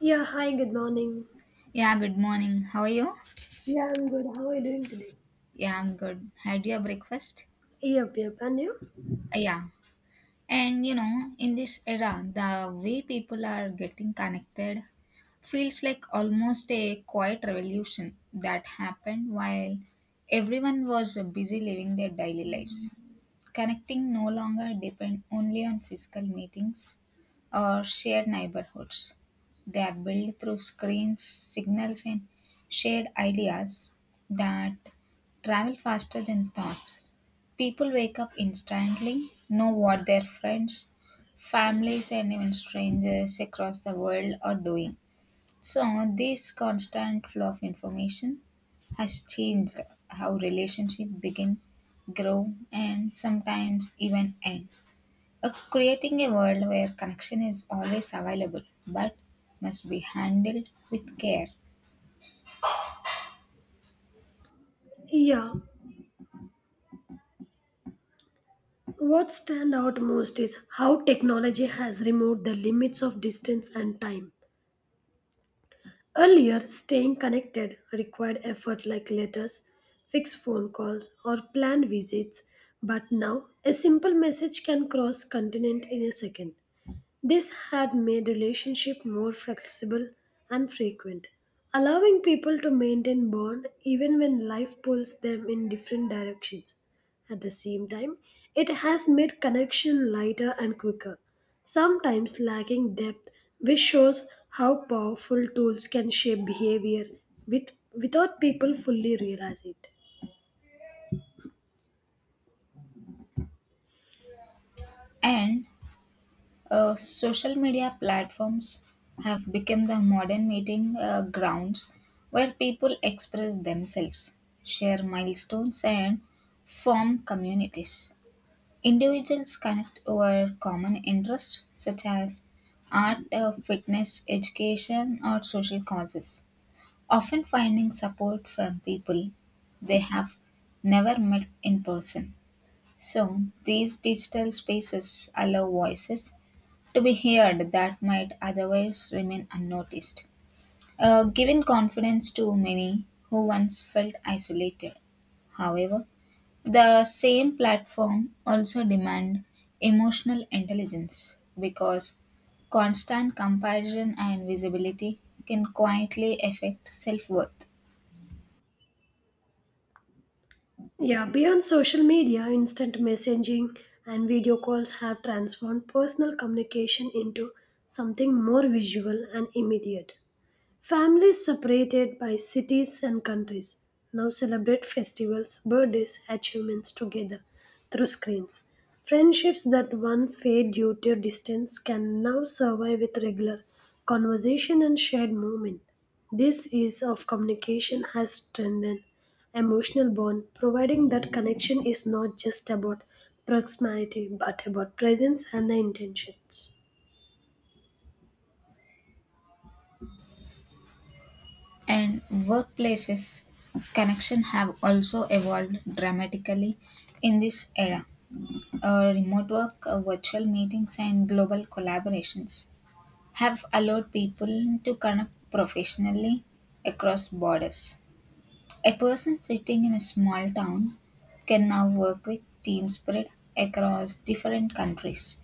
Yeah, hi, good morning. Yeah, good morning. How are you? Yeah, I'm good. How are you doing today? Yeah, I'm good. Had your breakfast? Yep, yep, and you? Yeah. And in this era, the way people are getting connected feels like almost a quiet revolution that happened while everyone was busy living their daily lives. Connecting no longer depend only on physical meetings or shared neighborhoods. They are built through screens, signals, and shared ideas that travel faster than thoughts. People wake up instantly, know what their friends, families, and even strangers across the world are doing. So, this constant flow of information has changed how relationships begin, grow, and sometimes even end. Creating a world where connection is always available but must be handled with care. Yeah, what stand out most is how technology has removed the limits of distance and time. Earlier, staying connected required effort like letters, fixed phone calls, or planned visits, but now a simple message can cross continent in a second. This had made relationship more flexible and frequent, allowing people to maintain bond even when life pulls them in different directions. At the same time, it has made connection lighter and quicker, sometimes lacking depth, which shows how powerful tools can shape behavior without people fully realize it. And social media platforms have become the modern meeting grounds where people express themselves, share milestones, and form communities. Individuals connect over common interests such as art, fitness, education, or social causes, often finding support from people they have never met in person. So, these digital spaces allow voices to be heard that might otherwise remain unnoticed, giving confidence to many who once felt isolated. However, the same platform also demand emotional intelligence because constant comparison and visibility can quietly affect self-worth. Yeah, beyond social media, instant messaging and video calls have transformed personal communication into something more visual and immediate. Families separated by cities and countries now celebrate festivals, birthdays, achievements together through screens. Friendships that once fade due to distance can now survive with regular conversation and shared movement. This ease of communication has strengthened emotional bond, providing that connection is not just about proximity but about presence and the intentions. And workplaces connection have also evolved dramatically in this era. Remote work, virtual meetings, and global collaborations have allowed people to connect professionally across borders. A person sitting in a small town can now work with team spread across different countries,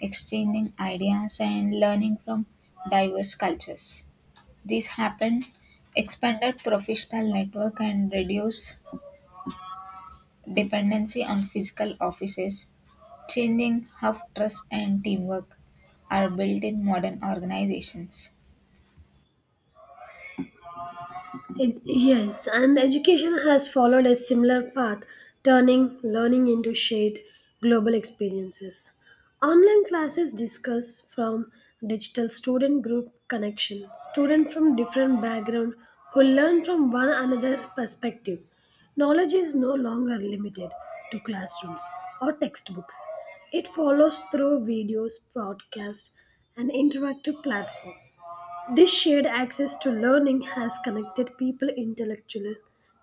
exchanging ideas and learning from diverse cultures. This happen expanded professional network and reduce dependency on physical offices, changing how trust and teamwork are built in modern organizations. Yes, and education has followed a similar path, turning learning into shared global experiences. Online classes discuss from digital student group connection, students from different background who learn from one another perspective. Knowledge is no longer limited to classrooms or textbooks. It follows through videos, podcasts, and interactive platform. This shared access to learning has connected people intellectually,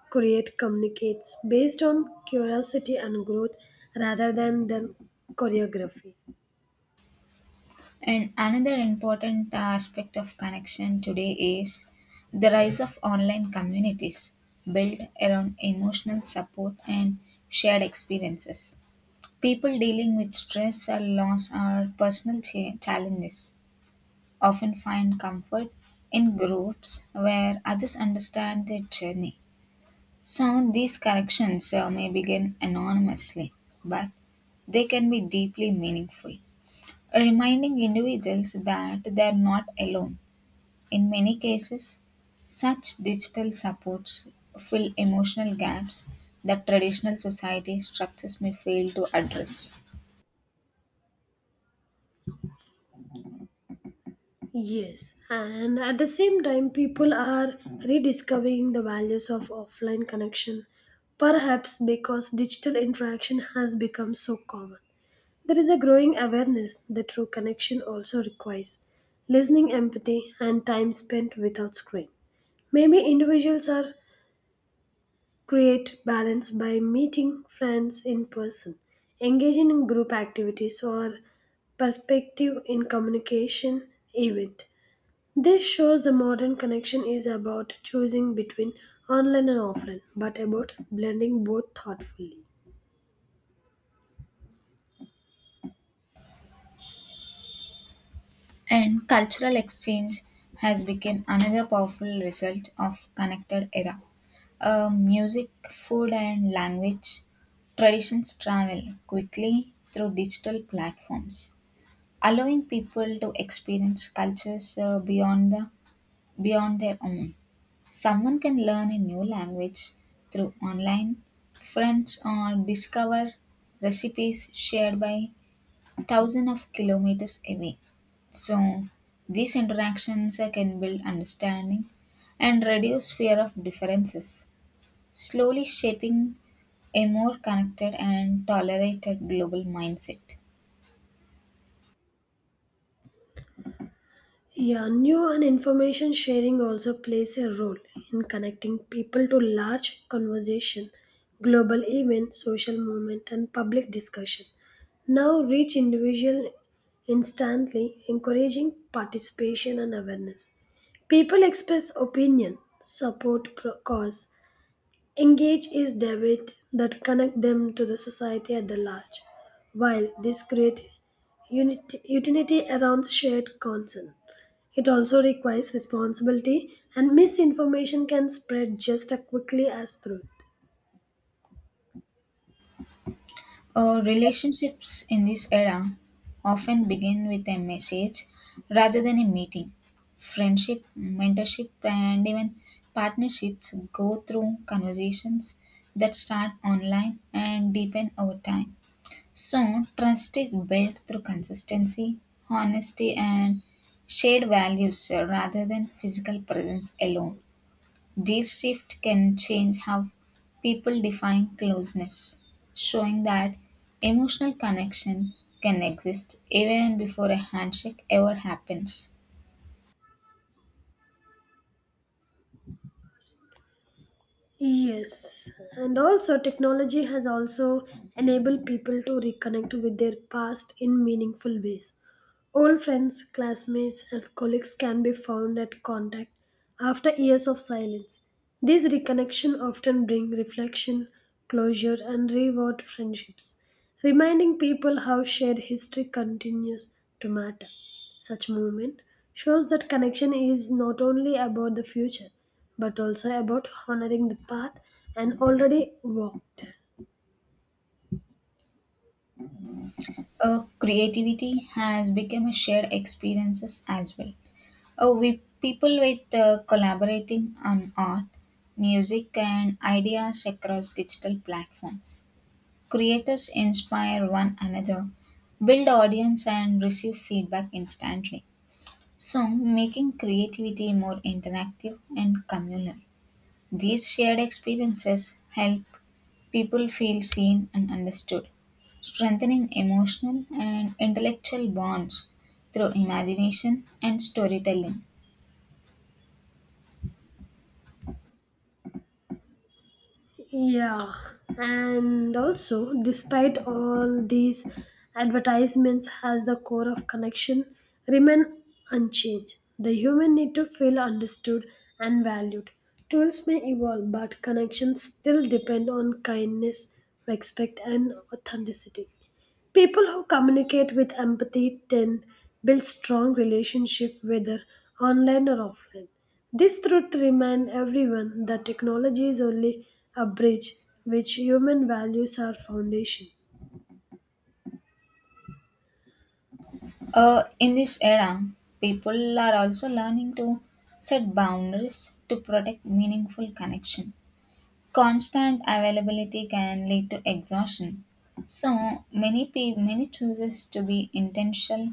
create communicates based on curiosity and growth rather than the choreography. And another important aspect of connection today is the rise of online communities built around emotional support and shared experiences. People dealing with stress or loss or personal challenges often find comfort in groups where others understand their journey. So, these connections may begin anonymously, but they can be deeply meaningful reminding individuals that they are not alone. In many cases, such digital supports fill emotional gaps that traditional society structures may fail to address. Yes, and at the same time, people are rediscovering the values of offline connection, perhaps because digital interaction has become so common. There is a growing awareness that true connection also requires listening, empathy, and time spent without screen. Maybe individuals are create balance by meeting friends in person, engaging in group activities, or perspective in communication event. This shows the modern connection is about choosing between online and offline, but about blending both thoughtfully. And cultural exchange has become another powerful result of connected era. Music, food, and language traditions travel quickly through digital platforms, allowing people to experience cultures beyond their own. Someone can learn a new language through online friends or discover recipes shared by thousands of kilometers away. So, these interactions can build understanding and reduce fear of differences, slowly shaping a more connected and tolerated global mindset. Yeah, new and information sharing also plays a role in connecting people to large conversation, global event, social movement, and public discussion. Now reach individual instantly, encouraging participation and awareness. People express opinion, support cause, engage is the with that connect them to the society at the large, while this create unity around shared concern. It also requires responsibility, and misinformation can spread just as quickly as truth. Relationships in this era often begin with a message rather than a meeting. Friendship, mentorship, and even partnerships go through conversations that start online and deepen over time. So, trust is built through consistency, honesty, and shared values rather than physical presence alone. This shift can change how people define closeness, showing that emotional connection can exist even before a handshake ever happens. Yes, and also technology has also enabled people to reconnect with their past in meaningful ways. Old friends, classmates, and colleagues can be found at contact after years of silence. These reconnection often bring reflection, closure, and reward friendships, reminding people how shared history continues to matter. Such movement shows that connection is not only about the future but also about honoring the path and already walked. Creativity has become a shared experiences as well. We people with collaborating on art, music, and ideas across digital platforms. Creators inspire one another, build audience, and receive feedback instantly. Song, making creativity more interactive and communal. These shared experiences help people feel seen and understood, strengthening emotional and intellectual bonds through imagination and storytelling. Yeah, and also, despite all these advertisements, has the core of connection remain unchanged. The human need to feel understood and valued. Tools may evolve, but connections still depend on kindness, respect, and authenticity. People who communicate with empathy tend build strong relationship whether online or offline. This truth remind everyone that technology is only a bridge which human values are foundation. In this era, people are also learning to set boundaries to protect meaningful connection. Constant availability can lead to exhaustion, so many chooses to be intentional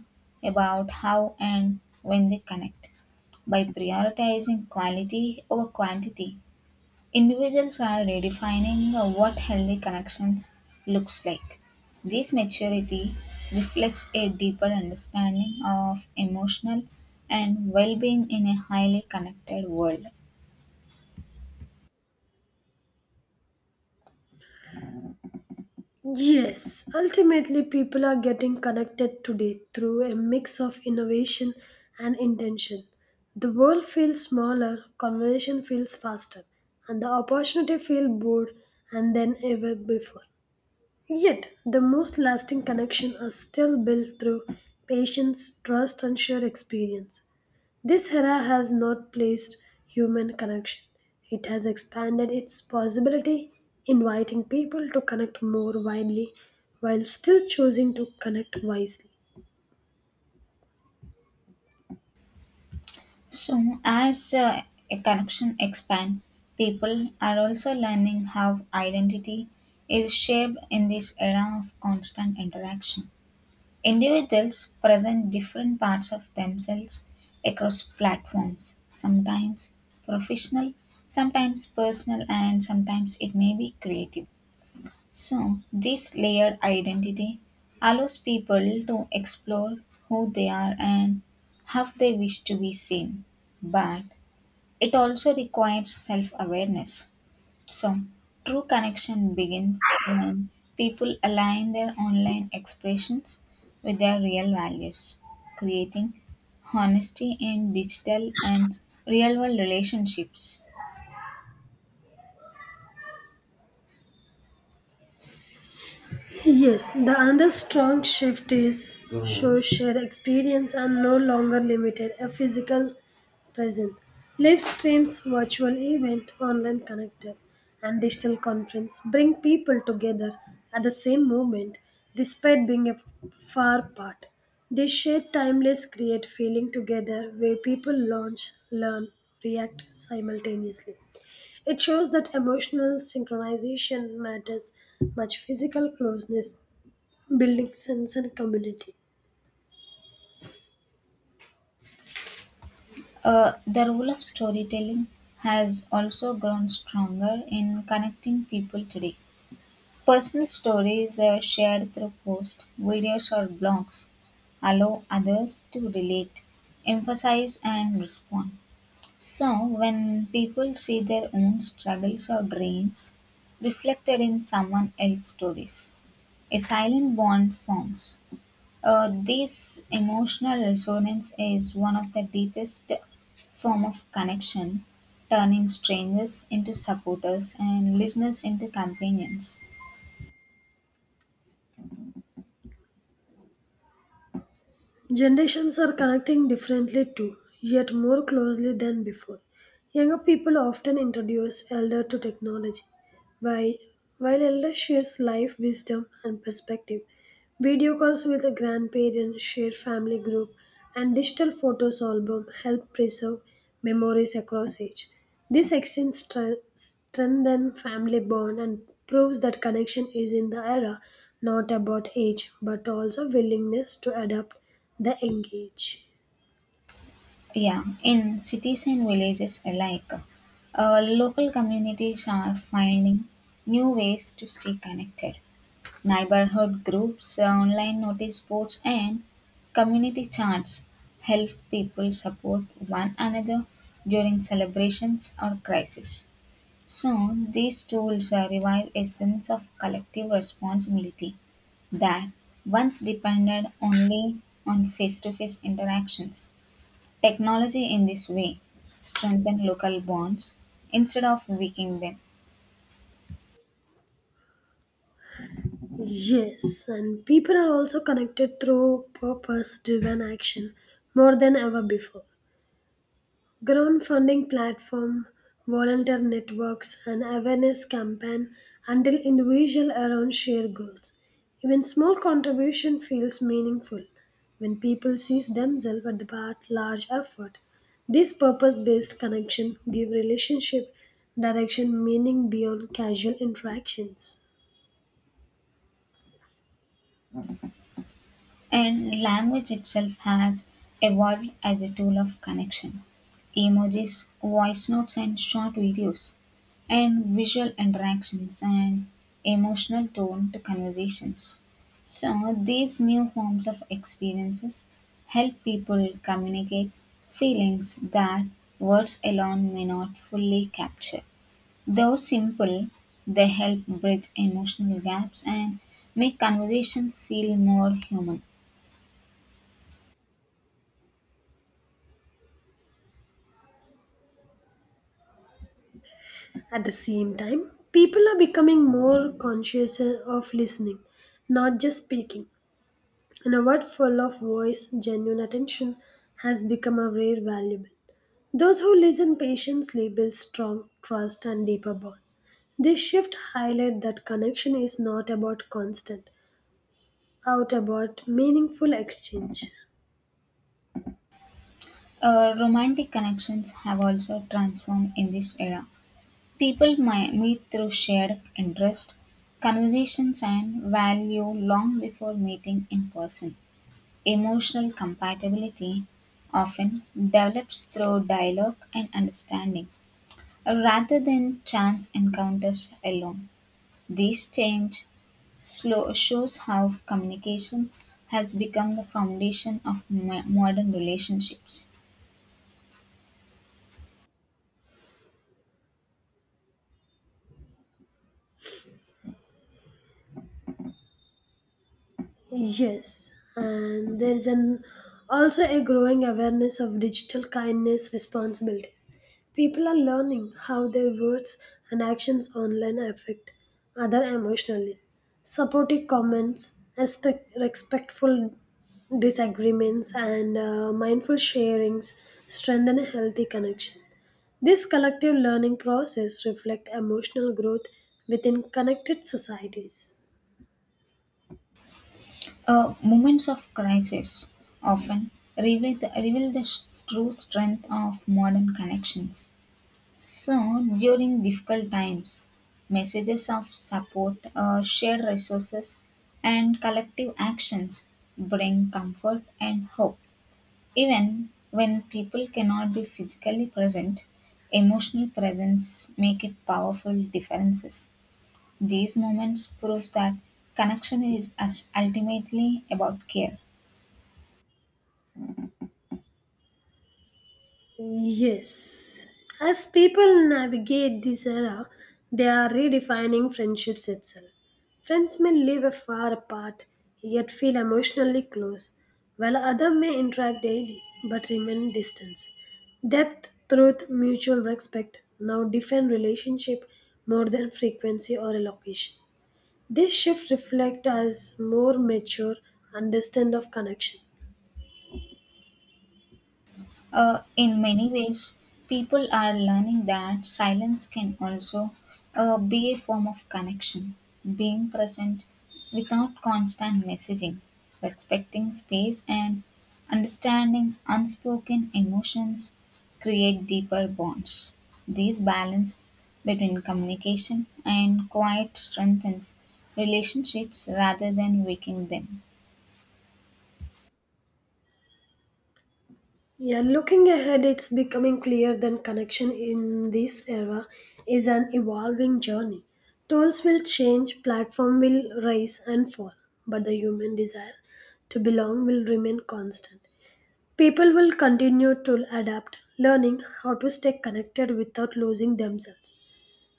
about how and when they connect by prioritizing quality over quantity. Individuals are redefining what healthy connections looks like. This maturity reflects a deeper understanding of emotional and well-being in a highly connected world. Yes, ultimately people are getting connected today through a mix of innovation and intention. The world feels smaller, conversation feels faster, and the opportunity feel bored and than ever before. Yet, the most lasting connections are still built through patience, trust, and shared experience. This era has not placed human connection, it has expanded its possibility, inviting people to connect more widely while still choosing to connect wisely. So, as a connection expand, people are also learning how identity is shaped in this era of constant interaction. Individuals present different parts of themselves across platforms, sometimes professional, sometimes personal, and sometimes it may be creative. So, this layered identity allows people to explore who they are and how they wish to be seen. But it also requires self awareness. So, true connection begins when people align their online expressions with their real values, creating honesty in digital and real world relationships. Yes, the another strong shift is show shared experience are no longer limited a physical presence. Live streams, virtual event, online connected, and digital conference bring people together at the same moment despite being a far apart. They share timeless create feeling together where people launch, learn, react simultaneously. It shows that emotional synchronization matters much physical closeness, building sense and community. The role of storytelling has also grown stronger in connecting people today. Personal stories are shared through posts, videos, or blogs. Allow others to relate, emphasize, and respond. So, when people see their own struggles or dreams reflected in someone else's stories, a silent bond forms. This emotional resonance is one of the deepest form of connection, turning strangers into supporters and listeners into companions. Generations are connecting differently too, yet more closely than before. Younger people often introduce elder to technology, while, while elder shares life wisdom and perspective. Video calls with a grandparent, shared family group, and digital photos album help preserve memories across age. This exchange strengthens family bond and proves that connection is in the era not about age but also willingness to adapt the engage. Yeah, in cities and villages alike, local communities are finding new ways to stay connected. Neighborhood groups, online notice boards, and community chants help people support one another during celebrations or crises. So, these tools revive a sense of collective responsibility that once depended only on face to face interactions. Technology in this way strengthens local bonds instead of weakening them. Yes, and people are also connected through purpose driven action more than ever before. Crowdfunding platform, volunteer networks, and awareness campaign until individual around shared goals. Even small contribution feels meaningful when people see themselves at the part large effort. This purpose-based connection give relationship direction meaning beyond casual interactions. And language itself has evolved as a tool of connection. Emojis, voice notes, and short videos, and visual interactions and emotional tone to conversations. So, these new forms of experiences help people communicate feelings that words alone may not fully capture. Though simple, they help bridge emotional gaps and make conversation feel more human. At the same time, people are becoming more conscious of listening, not just speaking. In a world full of voice, genuine attention has become a rare valuable. Those who listen patiently build strong trust and deeper bond. This shift highlights that connection is not about constant, out about meaningful exchange. Romantic connections have also transformed in this era. People meet through shared interest, conversations, and value long before meeting in person. Emotional compatibility often develops through dialogue and understanding rather than chance encounters alone. This change slow, shows how communication has become the foundation of modern relationships. Yes, and there is an also a growing awareness of digital kindness responsibilities. People are learning how their words and actions online affect other emotionally. Supportive comments, respectful disagreements, and mindful sharings strengthen a healthy connection. This collective learning process reflects emotional growth within connected societies. Moments of crisis often reveal the true strength of modern connections. So, during difficult times, messages of support, shared resources, and collective actions bring comfort and hope. Even when people cannot be physically present, emotional presence make a powerful differences. These moments prove that connection is as ultimately about care. Yes. As people navigate this era, they are redefining friendships itself. Friends may live far apart, yet feel emotionally close, while others may interact daily but remain distant. Depth, truth, mutual respect now define relationship more than frequency or location. This shift reflects as more mature understand of connection. In many ways, people are learning that silence can also be a form of connection, being present without constant messaging, respecting space, and understanding unspoken emotions create deeper bonds. This balance between communication and quiet strengthens relationships rather than weakening them. Yeah, looking ahead, it's becoming clear that connection in this era is an evolving journey. Tools will change, platform will rise and fall, but the human desire to belong will remain constant. People will continue to adapt, learning how to stay connected without losing themselves.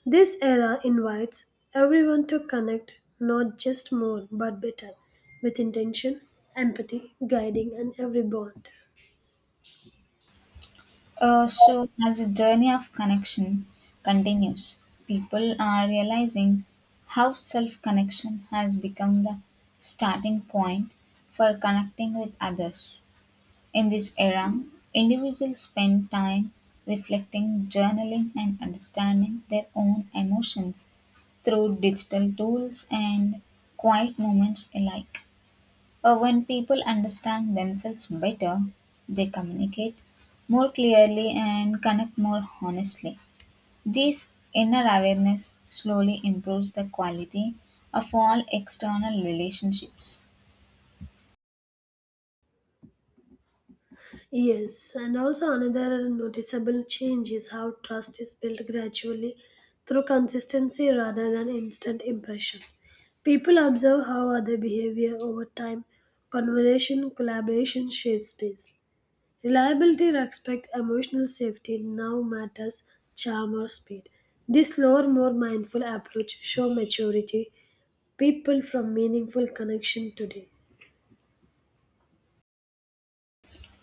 This era invites everyone to connect not just more but better, with intention, empathy, guiding, and every bond. So, as a journey of connection continues, people are realizing how self connection has become the starting point for connecting with others. In this era, individuals spend time reflecting, journaling, and understanding their own emotions through digital tools and quiet moments alike. When people understand themselves better, they communicate more clearly and connect more honestly. This inner awareness slowly improves the quality of all external relationships. Yes, and also another noticeable change is how trust is built gradually through consistency rather than instant impression. People observe how other behavior over time, conversation, collaboration, shared space. Reliability, respect, emotional safety now matters charm or speed. This slower, more mindful approach show maturity people from meaningful connection today.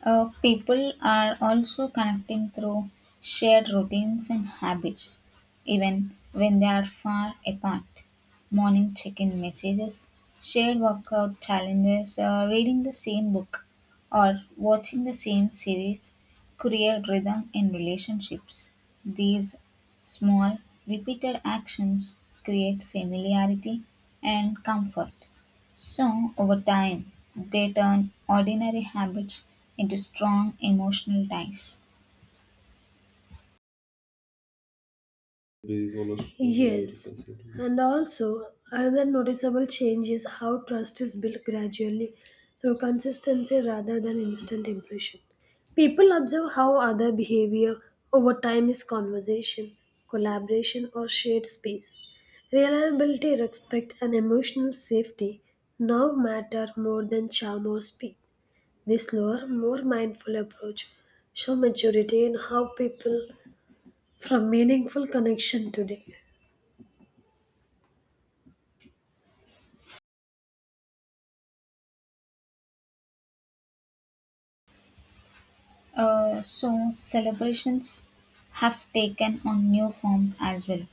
People are also connecting through shared routines and habits, even when they are far apart. Morning check in messages, shared workout challenges, reading the same book, or watching the same series create rhythm in relationships. These small, repeated actions create familiarity and comfort. So, over time, they turn ordinary habits into strong emotional ties. Yes, and also another noticeable change is how trust is built gradually through consistency rather than instant impression. People observe how other behavior over time is conversation, collaboration, or shared space. Reliability, respect, and emotional safety now matter more than charm or speed. This slower, more mindful approach show maturity in how people from meaningful connection today. So, celebrations have taken on new forms as well.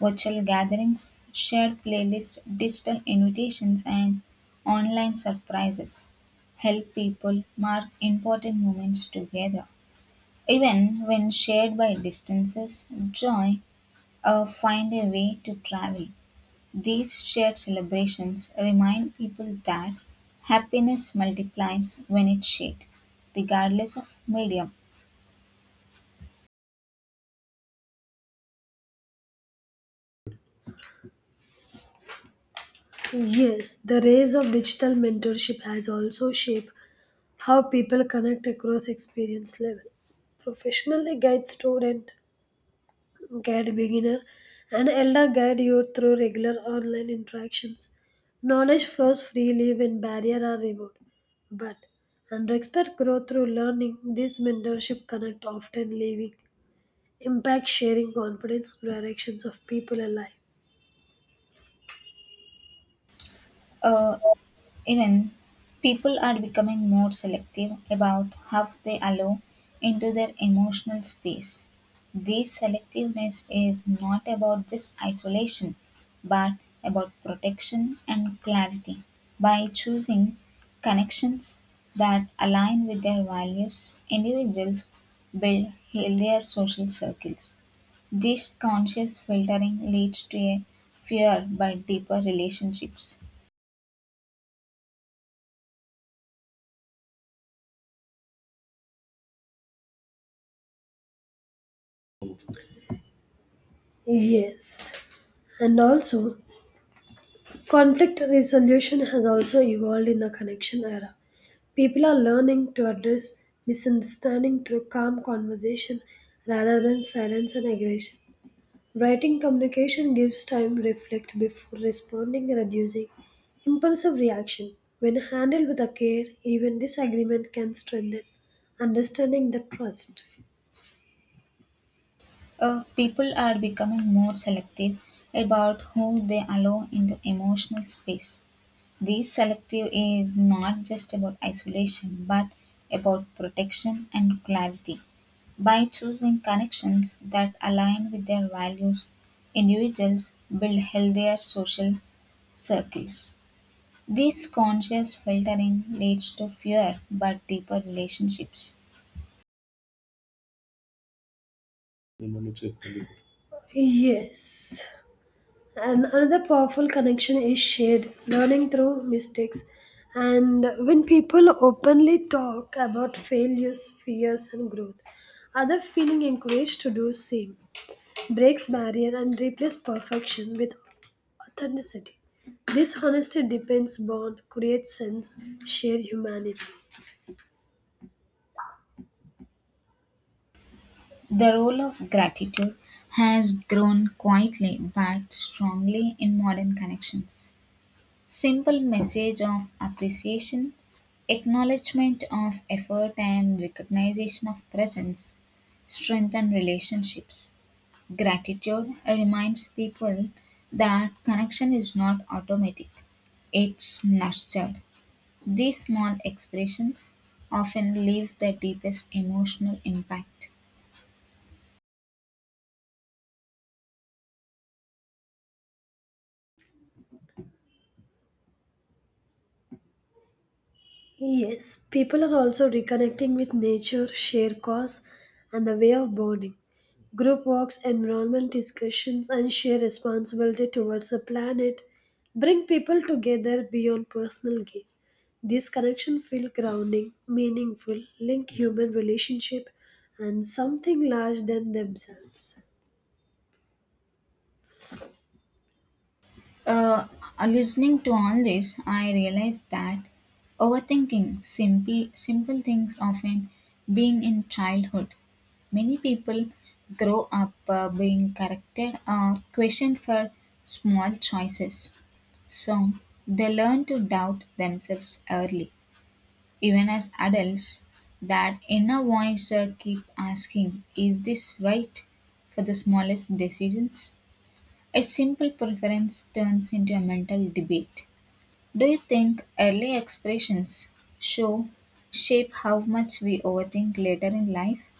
Virtual gatherings, shared playlists, digital invitations, and online surprises help people mark important moments together. Even when shared by distances, joy find a way to travel. These shared celebrations remind people that happiness multiplies when it's shared, regardless of medium. Yes, the rise of digital mentorship has also shaped how people connect across experience level. Professionally guide student, guide beginner, and elder guide youth through regular online interactions. Knowledge flows freely when barriers are removed. But under expert growth through learning, this mentorship connect often leaving impact sharing confidence directions of people alive. Uh, Even people are becoming more selective about how they allow into their emotional space. This selectiveness is not about just isolation, but about protection and clarity. By choosing connections that align with their values, individuals build healthier social circles. This conscious filtering leads to a fewer but deeper relationships. Yes, and also conflict resolution has also evolved in the connection era. People are learning to address misunderstanding through calm conversation rather than silence and aggression. Writing communication gives time to reflect before responding, reducing impulsive reaction. When handled with a care, even disagreement can strengthen understanding the trust. People are becoming more selective about who they allow into emotional space. This selective is not just about isolation but about protection and clarity. By choosing connections that align with their values, individuals build healthier social circles. This conscious filtering leads to fewer but deeper relationships. Yes. And another powerful connection is shared learning through mistakes. And when people openly talk about failures, fears, and growth, other feeling encouraged to do same breaks barrier and replace perfection with authenticity. This honesty deepens bond, creates sense, share humanity. The role of gratitude has grown quietly but strongly in modern connections. Simple message of appreciation, acknowledgement of effort and recognition of presence strengthen relationships. Gratitude reminds people that connection is not automatic. It's nurtured. These small expressions often leave the deepest emotional impact. Yes, people are also reconnecting with nature, share cause, and the way of bonding. Group walks, environment discussions, and share responsibility towards the planet bring people together beyond personal gain. This connection feels grounding, meaningful, link human relationship and something larger than themselves. Uh, listening to all this, I realized that overthinking simple things often being in childhood. Many people grow up being corrected or questioned for small choices, so they learn to doubt themselves early. Even as adults, that inner voice keep asking, "Is this right?" for the smallest decisions. A simple preference turns into a mental debate. Do you think early expressions show shape how much we overthink later in life?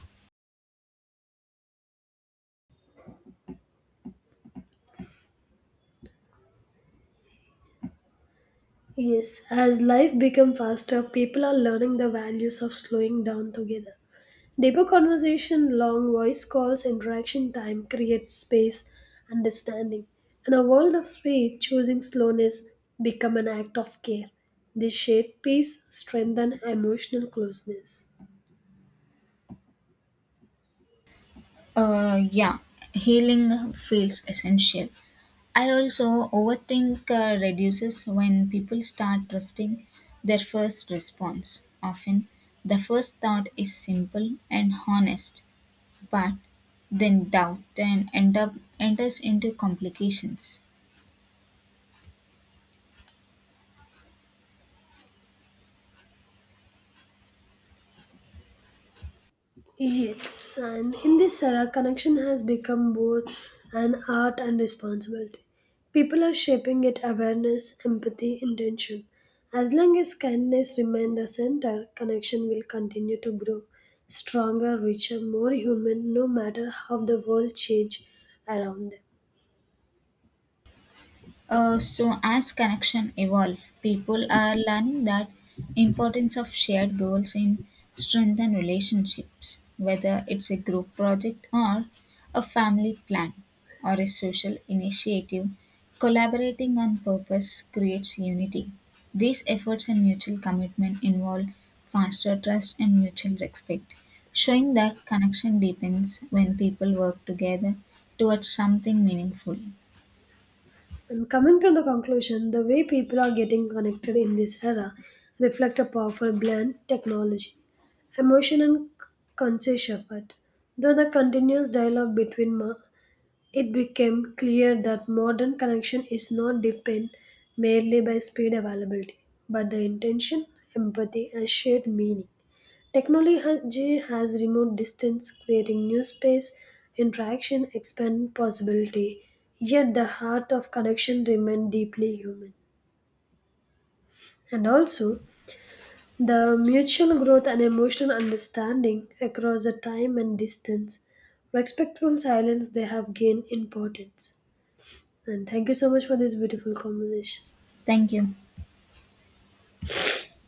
Yes, as life becomes faster, people are learning the values of slowing down together. Deeper conversation, long voice calls, interaction time creates space, understanding. In a world of speed, choosing slowness become an act of care. This shape peace, strengthen emotional closeness. Yeah, healing feels essential. I also overthink reduces when people start trusting their first response. Often, the first thought is simple and honest, but then doubt and end up enters into complications. Yes, and in this era, connection has become both an art and responsibility. People are shaping it awareness, empathy, intention. As long as kindness remains the center, connection will continue to grow stronger, richer, more human, no matter how the world changes around them. So as connection evolve, people are learning that importance of shared goals in strengthen relationships, whether it's a group project or a family plan or a social initiative. Collaborating on purpose creates unity. These efforts and mutual commitment involve faster trust and mutual respect, showing that connection deepens when people work together towards something meaningful. And coming to the conclusion, the way people are getting connected in this era reflect a powerful blend technology, emotion and conscious effort. Though the continuous dialogue between it became clear that modern connection is not dependent merely by speed availability, but the intention, empathy and shared meaning. Technology has removed distance, creating new space, interaction, expand possibility. Yet the heart of connection remains deeply human. And also, the mutual growth and emotional understanding across the time and distance, respectful silence, they have gained importance. And thank you so much for this beautiful conversation. Thank you.